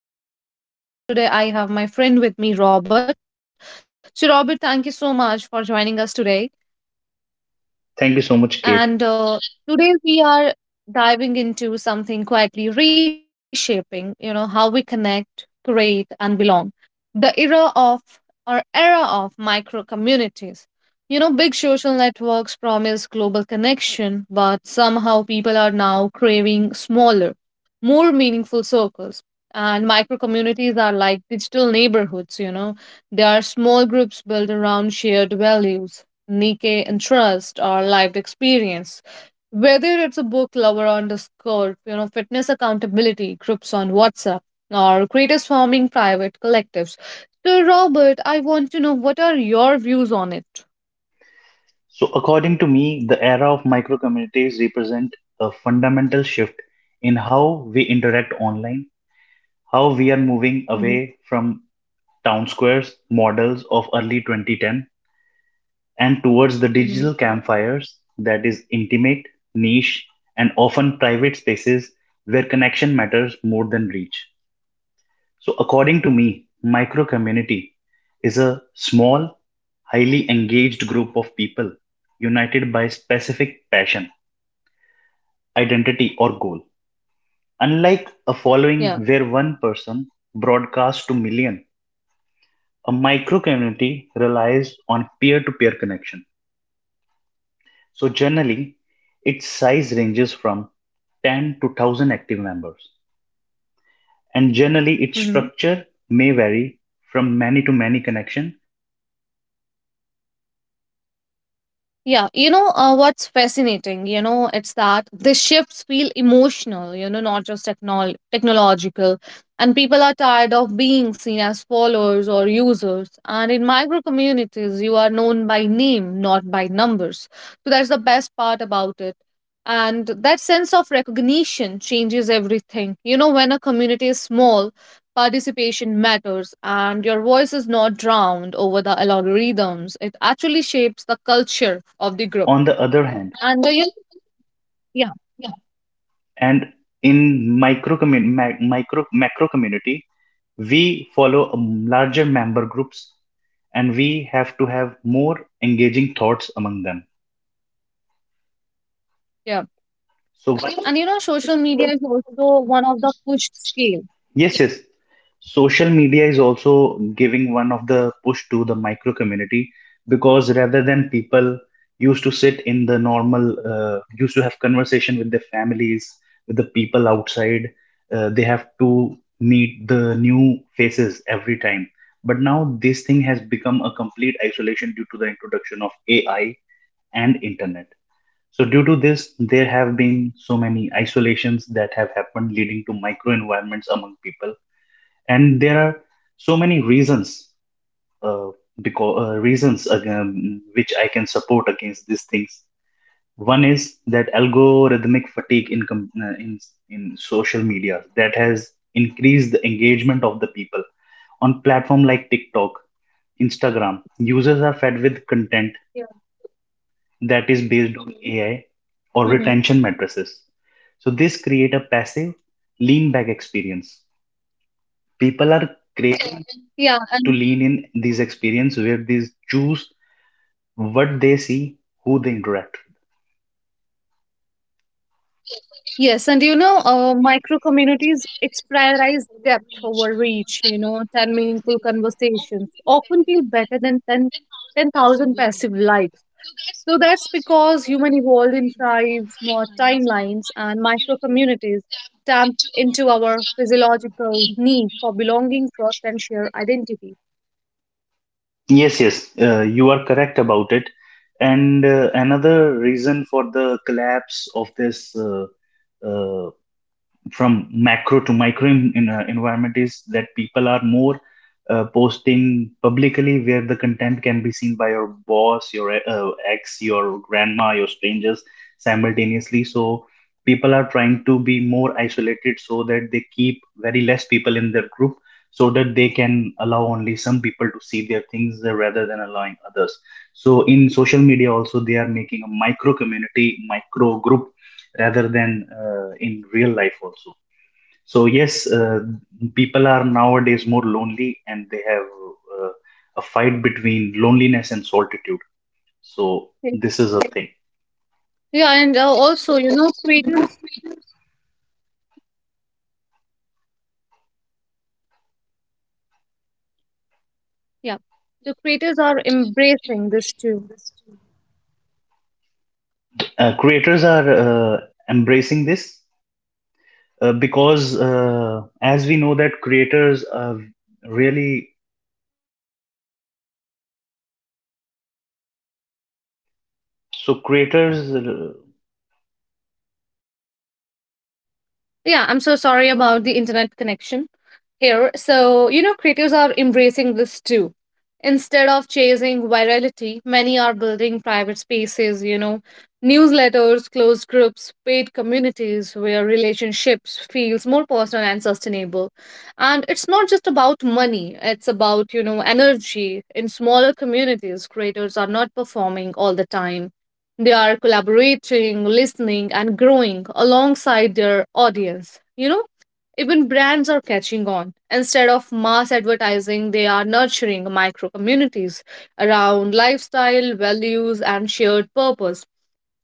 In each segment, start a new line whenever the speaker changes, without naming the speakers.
So, I'm your host, Kate, and today I have my friend with me, Robert. So, Robert, thank you so much for joining us today.
Thank you so much, Kate.
And Today we are diving into something quietly reshaping, you know, how we connect, create, and belong. The era of micro communities. You know, big social networks promise global connection, but somehow people are now craving smaller, more meaningful circles. And micro communities are like digital neighborhoods, you know. They are small groups built around shared values, unique interest, or lived experience. Whether it's a book lover on Discord, you know, fitness accountability groups on WhatsApp, or creators forming private collectives. So, Robert, I want to know, what are your views on it?
So, according to me, the era of micro communities represent a fundamental shift in how we interact online, how we are moving
Mm-hmm.
away from town squares models of early 2010 and towards the digital
Mm-hmm.
campfires that is intimate, niche, and often private spaces where connection matters more than reach. So, according to me, micro community is a small, highly engaged group of people united by specific passion, identity, or goal. Unlike a
Yeah.
following where one person broadcasts to million, a micro community relies on peer to peer connection. So, generally, its size ranges from 10 to 1000 active members. And generally its
Mm-hmm.
structure may vary from many-to-many connection to rather than one-to-many or one-to-one.
Yeah,
And
what's
also
fascinating, you know,
it
it's
relies
that the
on vibe,
shifts feel emotional,
that
you know,
is
not just
higher trust,
technological.
specific
And
language,
people are tired of
insider
being
jokes,
seen as followers or
psychological
users.
safety,
And in
and so
micro
on.
communities, you are known by name, not
So
by
the core
numbers. So
difference
that's the
between a
best part
micro
about
and
it.
major
And
communities in
that
micro
sense of
community,
recognition
you
changes everything.
will
You know,
follow a
when a
particular
community is
community
small,
in a particular social
participation
hub.
matters
For
and your
suppose in
voice is not
Instagram
drowned over the
you follow a
algorithms, it
particular
actually shapes the
hub.
culture of the group.
On the other hand,
and uh, you know, yeah.
and in micro macro community, we follow larger member groups, and we have to have more engaging thoughts among them.
Yeah,
So
and you know, social media is also one of the pushed scale.
yes, yes. Social media is also giving one of the push to the micro community because rather than people used to sit in the normal, used to have conversation with their families, with the people outside, they have to meet the new faces every time. But now this thing has become a complete isolation due to the introduction of AI and internet. So due to this, there have been so many isolations that have happened, leading to micro environments among people and there are so many reasons uh, because reasons which I can support against these things. One is that algorithmic fatigue in in social media that has increased the engagement of the people on platform like TikTok, Instagram. Users are fed
Yeah.
with content that is based on AI
Hmm.
or retention matrices, so this create a passive lean back experience. People are craving
Yeah. and
to lean in these experience where they choose what they see, who they interact with.
yes and micro communities, it's prioritize depth over reach. You know, 10 meaningful conversations often feel better than ten thousand passive likes. So that's because human evolved in tribes, not timelines, and micro communities tap into our physiological need for belonging, trust, and shared identity.
Yes, yes, you are correct about it. And another reason for the collapse of this uh, uh, from macro to micro environment is that people are more posting publicly where the content can be seen by your boss, your ex, your grandma, your strangers simultaneously. So people are trying to be more isolated so that they keep very less people in their group so that they can allow only some people to see their things rather than allowing others. So in social media also they are making a micro community, micro group rather than in real life also. So yes, people are nowadays more lonely, and they have uh, a fight between loneliness and solitude. So
Okay.
this is a thing.
Yeah, and also, you know, creators, yeah, the creators are embracing this too.
Creators are embracing this because as we know, that creators are really so creators.
Yeah, I'm so sorry about the internet connection here. So, you know, creators are embracing this too. Instead of chasing virality, many are building private spaces, you know, newsletters, closed groups, paid communities where relationships feels more personal and sustainable. And it's not just about money, it's about, you know, energy. In smaller communities, creators are not performing all the time. They are collaborating, listening, and growing alongside their audience. You know, even brands are catching on. Instead of mass advertising, they are nurturing micro communities around lifestyle, values, and shared purpose,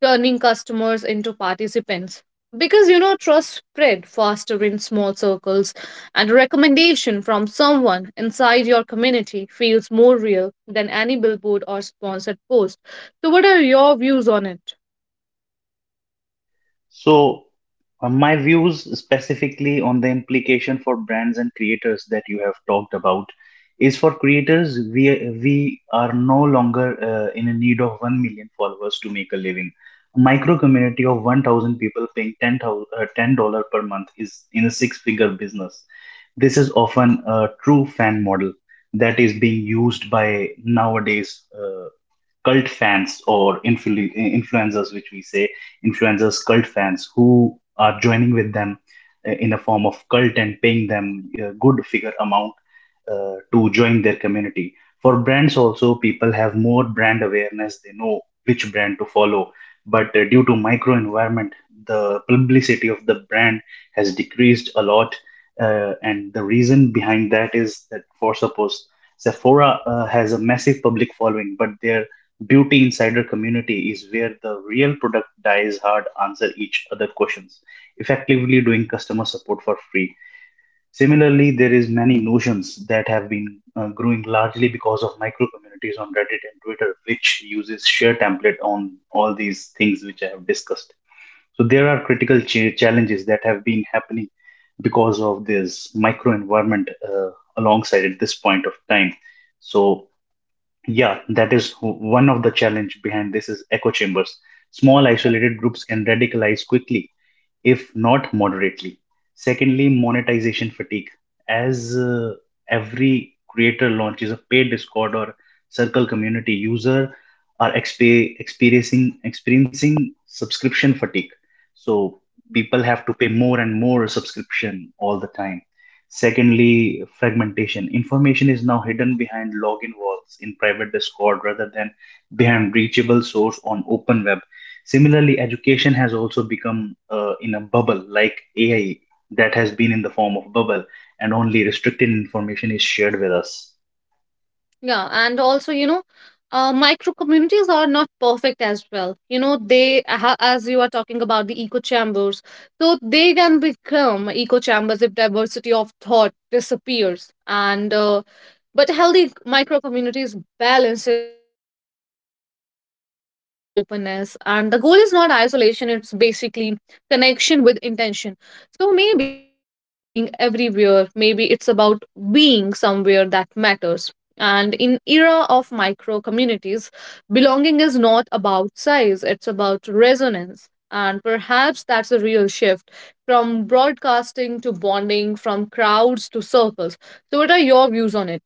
turning customers into participants. Because you know, trust spread faster in small circles, and a recommendation from someone inside your community feels more real than any billboard or sponsored post. So, what are your views on it?
So, my views specifically on the implication for brands and creators that you have talked about is for creators, we are no longer in a need of 1 million followers to make a living. A micro community of 1,000 people paying 10,000 uh, $10 per month is in a six figure business. This is often a true fan model that is being used by nowadays. Cult fans or influencers, which we say influencers, cult fans who are joining with them in a form of cult and paying them a good figure amount to join their community. For brands, also, people have more brand awareness, they know which brand to follow. But due to micro environment, the publicity of the brand has decreased a lot. And the reason behind that is that, for suppose, Sephora has a massive public following, but their Beauty insider community is where the real product dies hard answer each other questions, effectively doing customer support for free. Similarly, there is many notions that have been growing largely because of micro communities on Reddit and Twitter, which uses share template on all these things which I have discussed. So there are critical challenges that have been happening because of this micro environment alongside at this point of time. So yeah, that is one of the challenge behind this is echo chambers. Small isolated groups can radicalize quickly if not moderately. Secondly, monetization fatigue. As every creator launches a paid Discord or Circle community, user are experiencing subscription fatigue. So people have to pay more and more subscription all the time. Secondly, fragmentation. Information is now hidden behind login walls in private Discord rather than behind reachable source on open web. Similarly, education has also become in a bubble like AI that has been in the form of bubble and only restricted information is shared with us.
Yeah, and also, micro communities are not perfect as well. You know, they, as you are talking about the echo chambers, so they can become echo chambers if diversity of thought disappears. And but healthy micro communities balances intimacy with openness, and the goal is not isolation. It's basically connection with intention. So maybe the future is not about being everywhere. Maybe it's about being somewhere that matters. And in era of micro communities, belonging is not about size. It's about resonance. And perhaps that's a real shift from broadcasting to bonding, from crowds to circles. So, what are your views on it?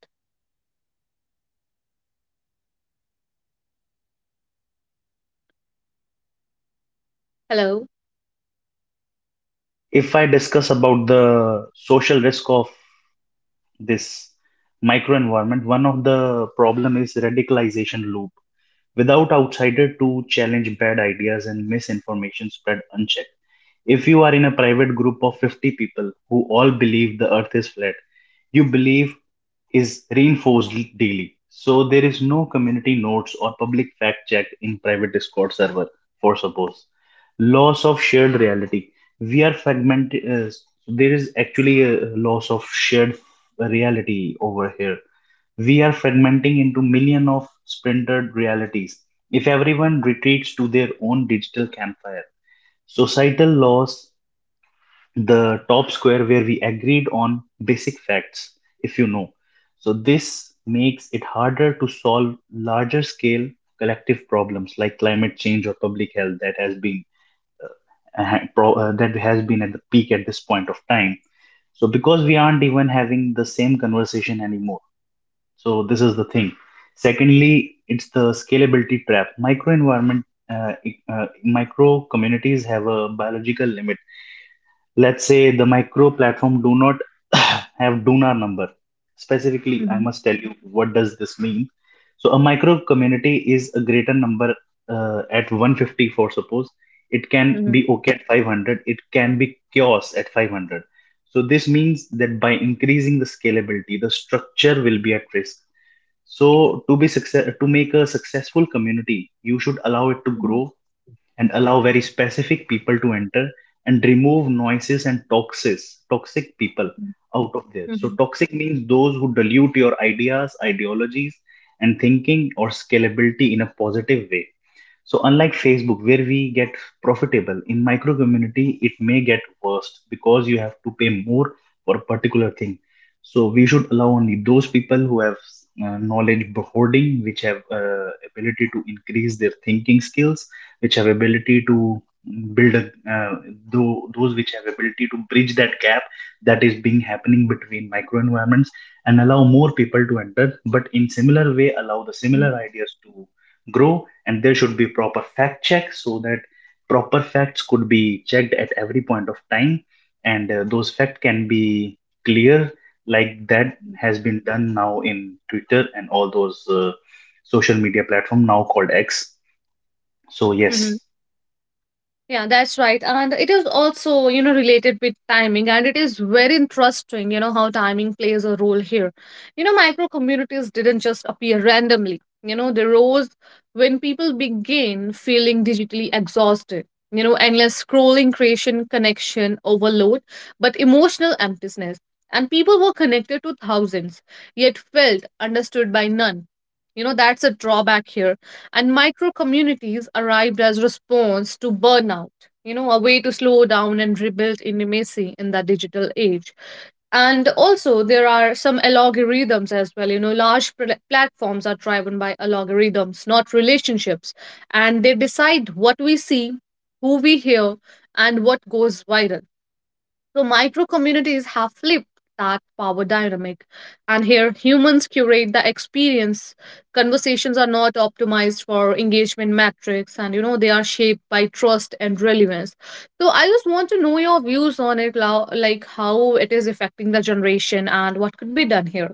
Hello.
If I discuss about the social risk of this microenvironment, one of the problem is radicalization loop. Without outsider to challenge bad ideas and misinformation spread unchecked. If you are in a private group of 50 people who all believe the earth is flat, you believe is reinforced daily. So there is no community notes or public fact check in private Discord server for suppose. Loss of shared reality. We are fragmented. So there is actually a loss of shared reality over here. We are fragmenting into million of splintered realities. If everyone retreats to their own digital campfire, societal loss the top square where we agreed on basic facts, if you know. So, this makes it harder to solve larger scale collective problems like climate change or public health that has been that has been at the peak at this point of time. So, because we aren't even having the same conversation anymore. So, this is the thing. Secondly, it's the scalability trap. Micro environment, micro communities have a biological limit. Let's say the micro platform do not have donar number specifically. I
Mhm.
must tell you what does this mean. So a micro community is a greater number at 150 for suppose, it can
Mhm.
be okay at 500, it can be chaos at 500. So this means that by increasing the scalability the structure will be at risk. So to be success to make a successful community you should allow it to
Mhm,
grow and allow very specific people to enter and remove noises and toxins, toxic people
mhm,
out of there. So
mhm,
toxic means those who dilute your ideas, ideologies, and thinking or scalability in a positive way. So unlike Facebook, where we get profitable, in micro community it may get worst because you have to pay more for a particular thing. So we should allow only those people who have knowledge hoarding, which have ability to increase their thinking skills, which have ability to build a uh, those which have ability to bridge that gap that is being happening between micro environments and allow more people to enter but in similar way allow the similar
mhm,
ideas to grow and there should be proper fact check so that proper facts could be checked at every point of time and those facts can be clear like that
mhm.
has been done now in Twitter and all those social media platform now called X. So
Mhm.
yes.
Yeah, that's right. And it is also, you know, related with timing. And it is very interesting, you know, how timing plays a role here. You know, micro communities didn't just appear randomly, you know, they rose when people began feeling digitally exhausted. You know, endless scrolling, creation, connection, overload, but emotional emptiness. And people were connected to thousands, yet felt understood by none. You know, that's a drawback here, and micro communities arrived as response to burnout. You know, a way to slow down and rebuild intimacy in the digital age. And also there are some algorithms as well. You know, large platforms are driven by algorithms, not relationships, and they decide what we see, who we hear, and what goes viral. So micro communities have flipped that power dynamic. And here humans curate the experience. Conversations are not optimized for engagement metrics, and you know, they are shaped by trust and relevance. So I just want to know your views on it, like how it is affecting the generation and what could be done here,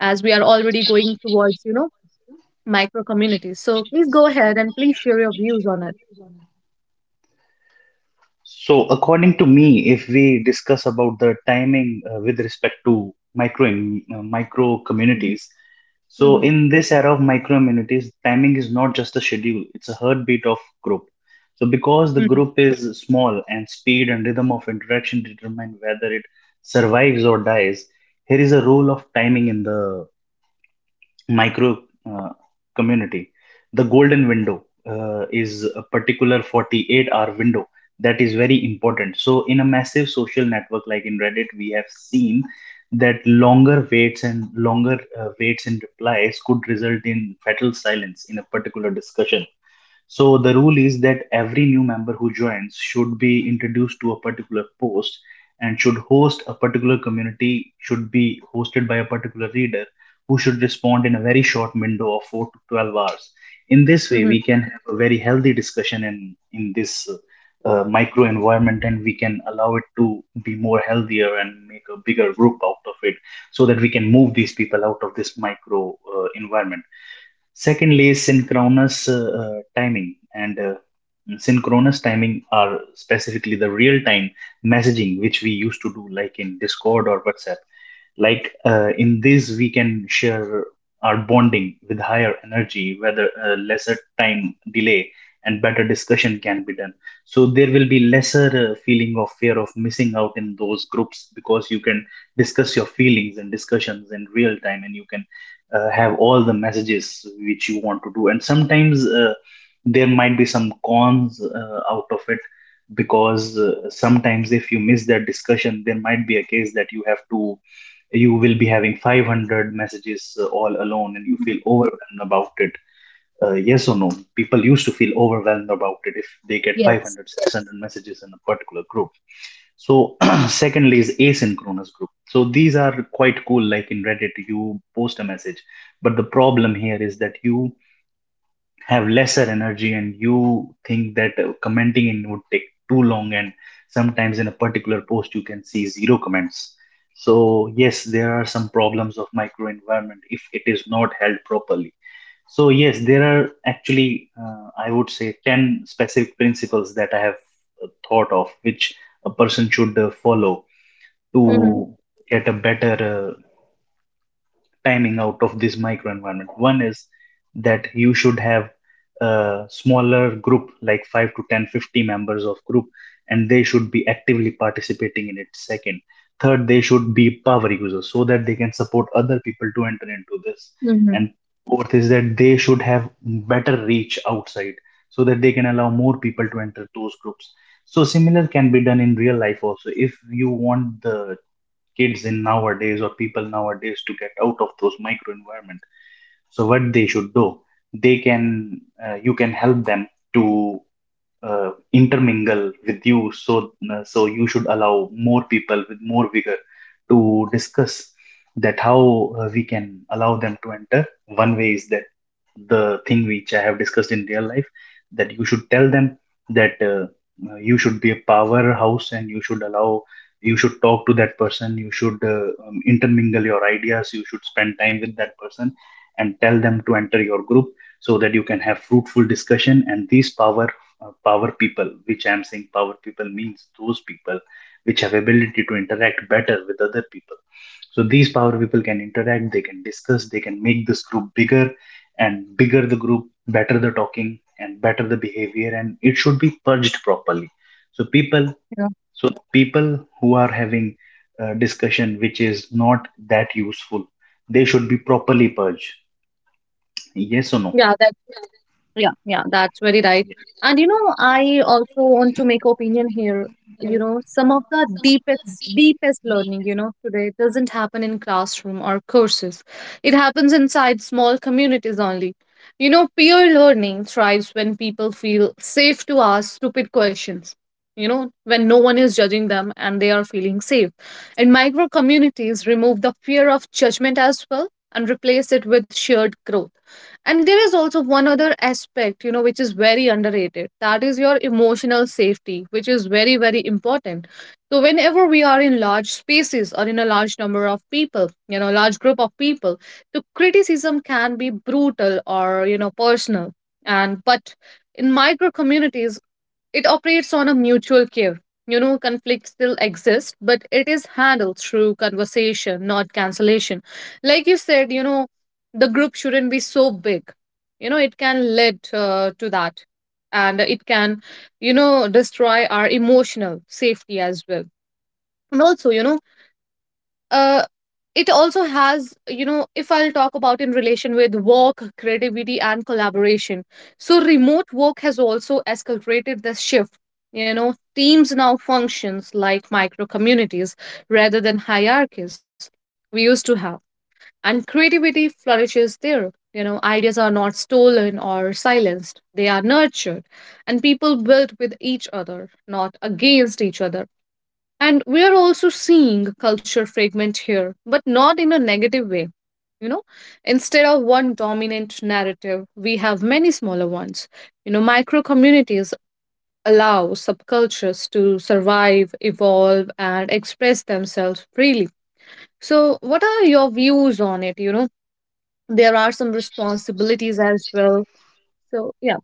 as we are already going towards, you know, micro communities. So please go ahead and please share your views on it.
So, according to me, if we discuss about the timing with respect to micro
Mhm,
communities, so
mhm,
in this era of micro communities, timing is not just a schedule; it's a heartbeat of group. So, because the
mhm,
group is small and speed and rhythm of interaction determine whether it survives or dies, here is a role of timing in the micro uh, community. The golden window is a particular 48-hour window that is very important. So, in a massive social network like in Reddit, we have seen that longer waits and longer waits in replies could result in fatal silence in a particular discussion. So the rule is that every new member who joins should be introduced to a particular post and should host a particular community, should be hosted by a particular reader who should respond in a very short window of 4 to 12 hours. In this way,
mhm,
we can have a very healthy discussion in this micro environment and we can allow it to be more healthier and make a bigger group out of it so that we can move these people out of this micro environment. Secondly, is synchronous timing. And synchronous timing are specifically the real time messaging which we used to do, like in Discord or WhatsApp. Like in this, we can share our bonding with higher energy, whether lesser time delay and better discussion can be done. So there will be lesser feeling of fear of missing out in those groups because you can discuss your feelings and discussions in real time and you can have all the messages which you want to do. And sometimes there might be some cons out of it because sometimes if you miss that discussion there might be a case that you have to you will be having 500 messages all alone and you
mhm.
feel overwhelmed about it. Uh, yes or no? People used to feel overwhelmed about it if they get
Yes.
500 600 messages in a particular group. So secondly is asynchronous group, so these are quite cool, like in Reddit you post a message, but the problem here is that you have lesser energy and you think that commenting in would take too long. And sometimes in a particular post you can see zero comments. So yes, there are some problems of microenvironment if it is not held properly. So yes, there are actually, I would say, 10 specific principles that I have thought of, which a person should follow
Mm-hmm.
to get a better timing out of this microenvironment. One is that you should have a smaller group, like 5 to 10, 50 members of group, and they should be actively participating in it. Second, third, they should be power users so that they can support other people to enter into this.
Mm-hmm.
And fourth is that they should have better reach outside so that they can allow more people to enter those groups. So similar can be done in real life also. If you want the kids in nowadays or people nowadays to get out of those micro environment, so what they should do, they can you can help them to intermingle with you. So so you should allow more people with more vigor to discuss that how we can allow them to enter. One way is that the thing which I have discussed in real life, that you should tell them that you should be a powerhouse and you should allow, you should talk to that person, you should intermingle your ideas, you should spend time with that person and tell them to enter your group so that you can have fruitful discussion. And this power, power people, which I'm saying power people means those people which have ability to interact better with other people. So these power people can interact, they can discuss, they can make this group bigger, and bigger the group, better the talking, and better the behavior, and it should be purged properly. So people,
Yeah.
so people who are having a discussion which is not that useful, they should be properly purged. Yes or no?
Yeah. Yeah, yeah, that's very right.
Yes.
And you know, I also want to make opinion here. You know, some of the deepest, deepest learning, you know, today doesn't happen in classroom or courses. It happens inside small communities only. You know, peer learning thrives when people feel safe to ask stupid questions. You know, when no one is judging them and they are feeling safe. And micro communities remove the fear of judgment as well and replace it with shared growth. And there is also one other aspect, you know, which is very underrated. That is your emotional safety, which is very, very important. So, whenever we are in large spaces or in a large number of people, you know, large group of people, the criticism can be brutal or, you know, personal. But in micro communities, it operates on a mutual care. You know, conflict still exists, but it is handled through conversation, not cancellation. Like you said, you know, the group shouldn't be so big. You know, it can lead to that. And it can, you know, destroy our emotional safety as well. And also, uh, it also has, you know, if I'll talk about in relation with work, creativity, and collaboration. So remote work has also escalated this shift. You know, teams now functions like micro communities rather than hierarchies we used to have. And creativity flourishes there. You know, ideas are not stolen or silenced, they are nurtured, and people build with each other, not against each other. And we are also seeing culture fragment here, but not in a negative way. You know, instead of one dominant narrative, we have many smaller ones. You know, micro communities allow subcultures to survive, evolve, and express themselves freely. So what are your views on it? You know, there are some responsibilities as well. So yeah.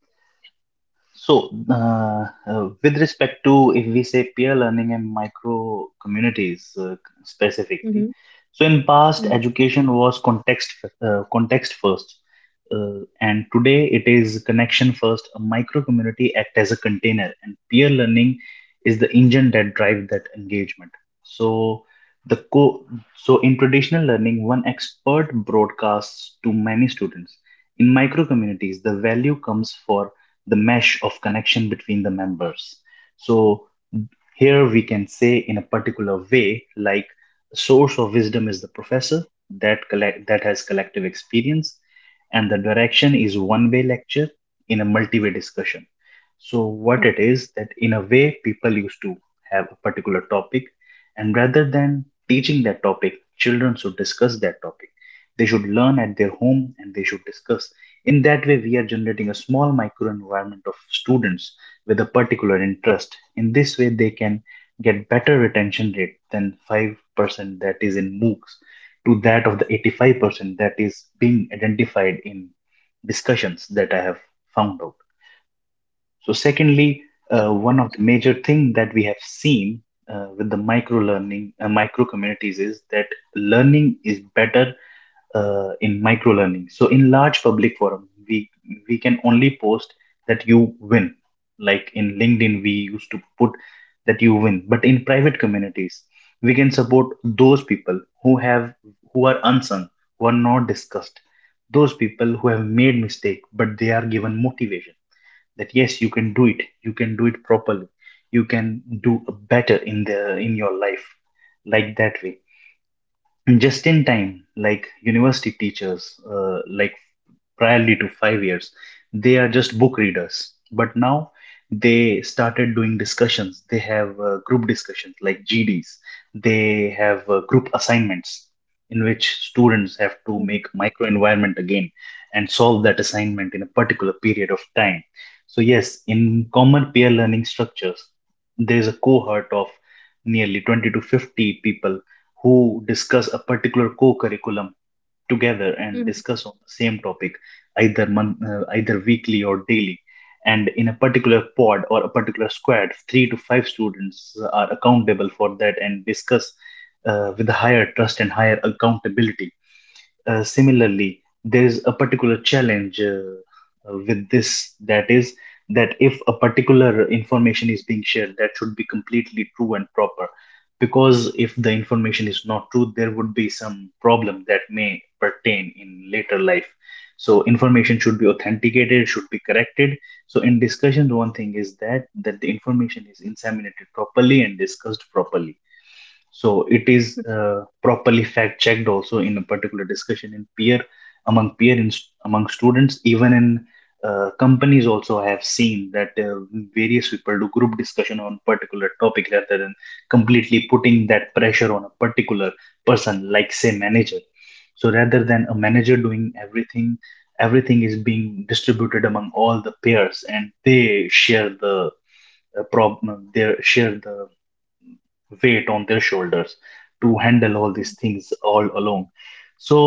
So, with respect to if we say peer learning and micro communities specifically,
Mm-hmm.
so in past
Mm-hmm.
education was context context first, and today it is connection first. A micro community act as a container, and peer learning is the engine that drive that engagement. So the co- so in traditional learning, one expert broadcasts to many students. In micro communities, the value comes for the mesh of connection between the members. So here we can say in a particular way, like source of wisdom is the professor that has collective experience, and the direction is one-way lecture in a multi-way discussion. So what
Yeah.
it is that in a way people used to have a particular topic, and rather than teaching that topic, children should discuss that topic. They should learn at their home and they should discuss. In that way, we are generating a small microenvironment of students with a particular interest. In this way, they can get better retention rate than 5% that is in MOOCs to that of the 85% that is being identified in discussions that I have found out. So, secondly,
Yeah.
one of the major thing that we have seen with the micro learning, micro communities is that learning is better in micro learning. So in large public forum, we can only post that you win. Like in LinkedIn, we used to put that you win. But in private communities, we can support those people who have, who are unsung, who are not discussed, those people who have made mistake, but they are given motivation that yes, you can do it. You can do it properly. You can do better in the in your life. Like that way, just in time, like university teachers, like priorly to 5 years they are just book readers, but now they started doing discussions. They have group discussions like GDs, they have group assignments in which students have to
Mm-hmm.
make micro environment again and solve that assignment in a particular period of time. So yes, in common peer learning structures there is a cohort of nearly 20 to 50 people who discuss a particular co-curriculum together and
Mm-hmm.
discuss on the same topic either month either weekly or daily, and in a particular pod or a particular squad 3 to 5 students are accountable for that and discuss with higher trust and higher accountability. Similarly, there is a particular challenge with this, that is that if a particular information is being shared, that should be completely true and proper. Because if the information is not true, there would be some problem that may pertain in later life. So information should be authenticated, should be corrected. So in discussions, one thing is that the information is inseminated properly and discussed properly, so it is properly fact checked also in a particular discussion in peer, among peer in, among students. Even in companies also I have seen that various people do group discussion on particular topic rather than completely putting that pressure on a particular person, like say manager. So rather than a manager doing everything, everything is being distributed among all the peers and they share the problem, they share the weight on their shoulders to handle all these things all alone. So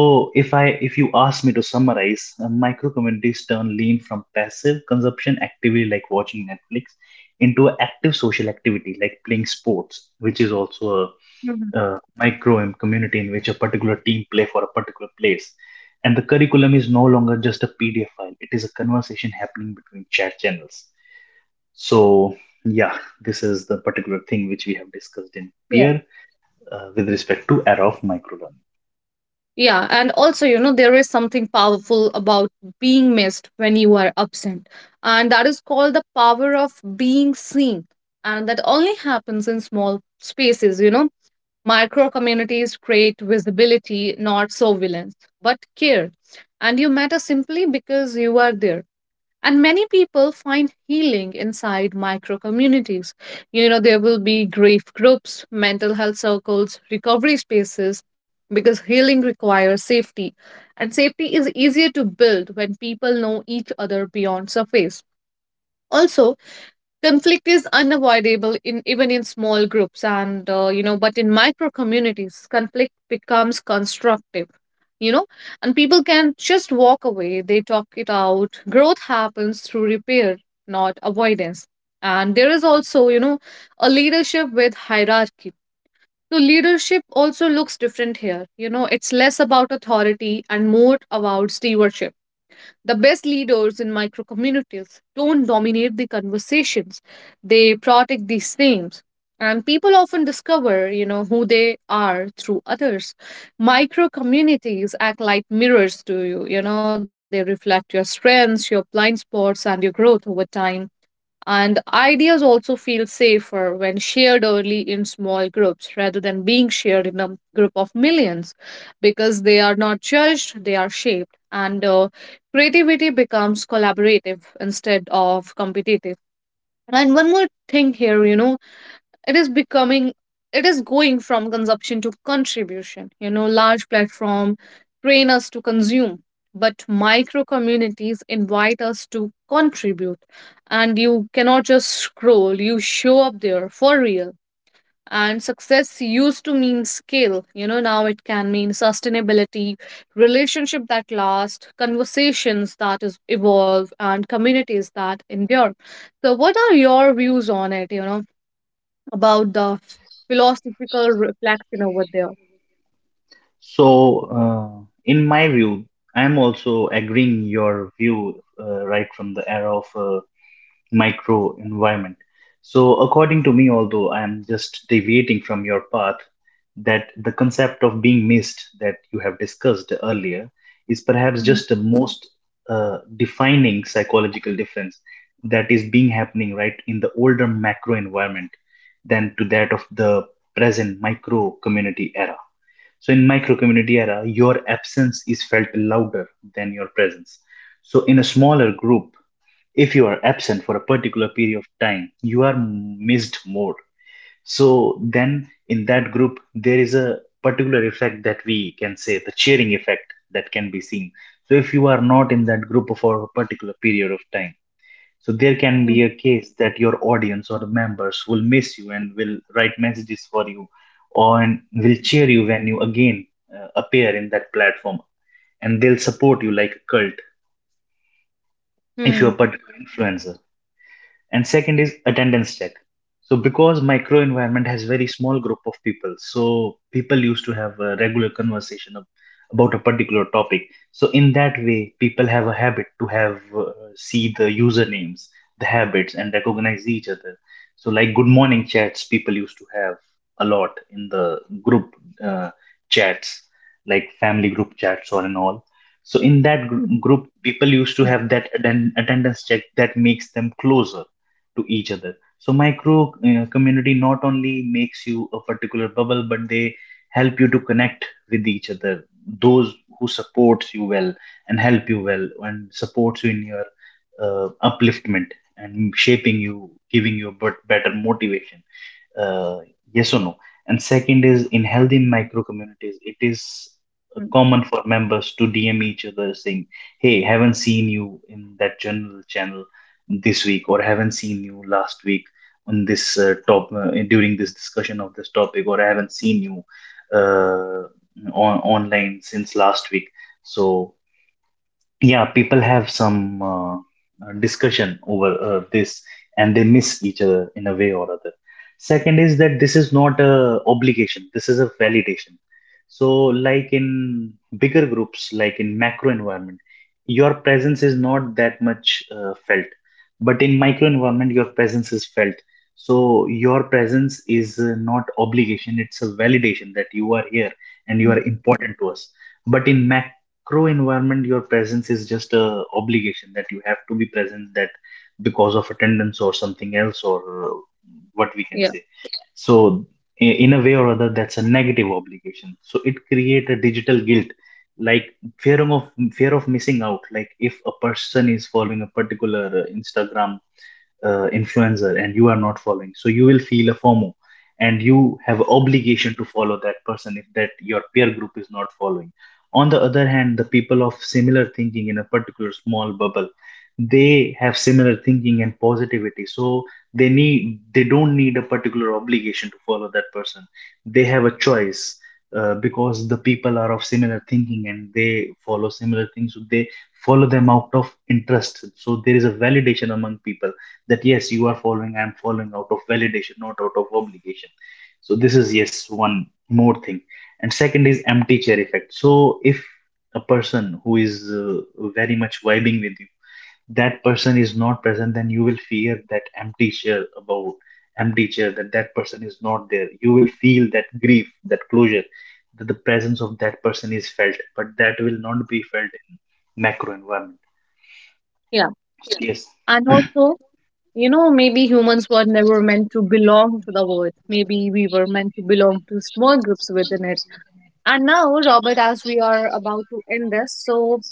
if i, if you ask me to summarize, micro communities turn lean from passive consumption activity like watching Netflix into an active social activity like playing sports, which is also
Mm-hmm.
a community in which a particular team play for a particular place, and the curriculum is no longer just a PDF file, it is a conversation happening between chat channels. So, yeah, this is the particular thing which we have discussed in
Yeah.
peer with respect to error of microlearning.
Yeah, and also, you know, there is something powerful about being missed when you are absent. And that is called the power of being seen. And that only happens in small spaces, you know. Micro communities create visibility, not surveillance, but care. And you matter simply because you are there. And many people find healing inside micro communities. You know, there will be grief groups, mental health circles, recovery spaces, because healing requires safety, and safety is easier to build when people know each other beyond surface. Also, conflict is unavoidable in even in small groups, and you know, but in micro communities conflict becomes constructive. You know, and people can just walk away, they talk it out, growth happens through repair, not avoidance. And there is also, you know, a leadership with hierarchy. So leadership also looks different here. You know, it's less about authority and more about stewardship. The best leaders in micro communities don't dominate the conversations, they protect the same. And people often discover, you know, who they are through others. Micro communities act like mirrors to you, you know, they reflect your strengths, your blind spots, and your growth over time. And ideas also feel safer when shared early in small groups rather than being shared in a group of millions, because they are not judged, they are shaped. And Creativity becomes collaborative instead of competitive. And one more thing here, you know, it is becoming it is going from consumption to contribution. You know, large platform train us to consume, but micro communities invite us to contribute. And you cannot just scroll, you show up there for real. And success used to mean scale. You know, now it can mean sustainability, relationship that last, conversations that is evolve, and communities that endure. So what are your views on it? You know, about the philosophical reflection over there.
So, in my view, I am also agreeing your view right from the era of micro environment. So, according to me, although I am just deviating from your path, that the concept of being missed that you have discussed earlier is perhaps
Mhm,
just the most defining psychological difference that is being happening right in the older macro environment than to that of the present micro community era. So, in micro community era, your absence is felt louder than your presence. So, in a smaller group, if you are absent for a particular period of time, you are missed more. So then in that group there is a particular effect that we can say the cheering effect that can be seen. So if you are not in that group for a particular period of time, so there can
mhm,
be a case that your audience or the members will miss you and will write messages for you, or and will cheer you when you again appear in that platform, and they'll support you like a cult if you're
mhm,
a particular influencer. And second is attendance check. So because microenvironment has very small group of people, so people used to have a regular conversation about a particular topic. So in that way people have a habit to have see the usernames, the habits and recognize each other. So like good morning chats people used to have a lot in the group uh, chats, like family group chats or and all. So in that
mhm,
group people used to have that attendance check that makes them closer to each other. So micro community not only makes you a particular bubble, but they help you to connect with each other. Those who supports you well and help you well and supports you in your upliftment and shaping you, giving you a better motivation. uh, yes or no? And second is in healthy micro communities it is
mhm,
common for members to DM each other saying, hey, haven't seen you in that general channel this week, or haven't seen you last week on this top during this discussion of this topic, or I haven't seen you uh, on online since last week. So yeah, people have some discussion over this and they miss each other in a way or other. Second is that this is not a obligation, this is a validation. So like in bigger groups, like in macro environment, your presence is not that much felt. But in micro environment, your presence is felt. So your presence is not obligation, it's a validation that you are here and you are
mhm.
important to us. But in macro crew environment your presence is just a obligation that you have to be present, that because of attendance or something else or uh, what we can
Yeah,
say. So in a way or other, that's a negative obligation, so it create a digital guilt, like fear of fear of missing out, like if a person is following a particular Instagram influencer and you are not following, so you will feel a FOMO, and you have obligation to follow that person if that your peer group is not following. On the other hand, the people of similar thinking in a particular small bubble, they have similar thinking and positivity, so they don't need a particular obligation to follow that person, they have a choice, because the people are of similar thinking and they follow similar things, so they follow them out of interest. So there is a validation among people that yes, you are following, I'm following out of validation, not out of obligation. So this is yes, one more thing. And second is empty chair effect. So if a person who is very much vibing with you, that person is not present, then you will fear that empty chair about, empty chair that that person is not there, you will feel that grief, that closure, that the presence of that person is felt, but that will not be felt in macro environment.
yeah.
So yes,
And also, you know, maybe humans were never meant to belong to the world. Maybe we were meant to belong to small groups within it. And now, Robert, as we are about to end this, so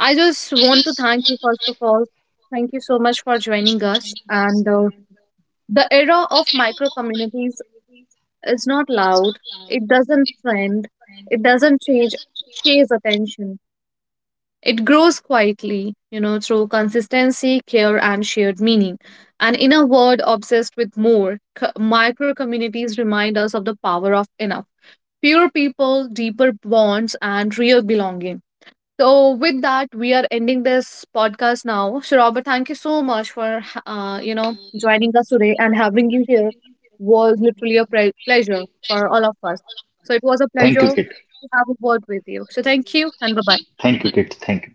I just want to thank you, first of all. Thank you so much for joining us. And The era of micro communities, it's not loud. It doesn't trend. It doesn't change chase attention. It grows quietly, you know, through consistency, care, and shared meaning. And in a world obsessed with more, micro communities remind us of the power of enough. Fewer people, deeper bonds, and real belonging. So with that, we are ending this podcast now. So Robert, thank you so much for you know, joining us today, and having you here was literally a pleasure for all of us. So it was a
thank you,
pleasure to have a word with you. So thank you and bye bye.
thank you Kit, thank you.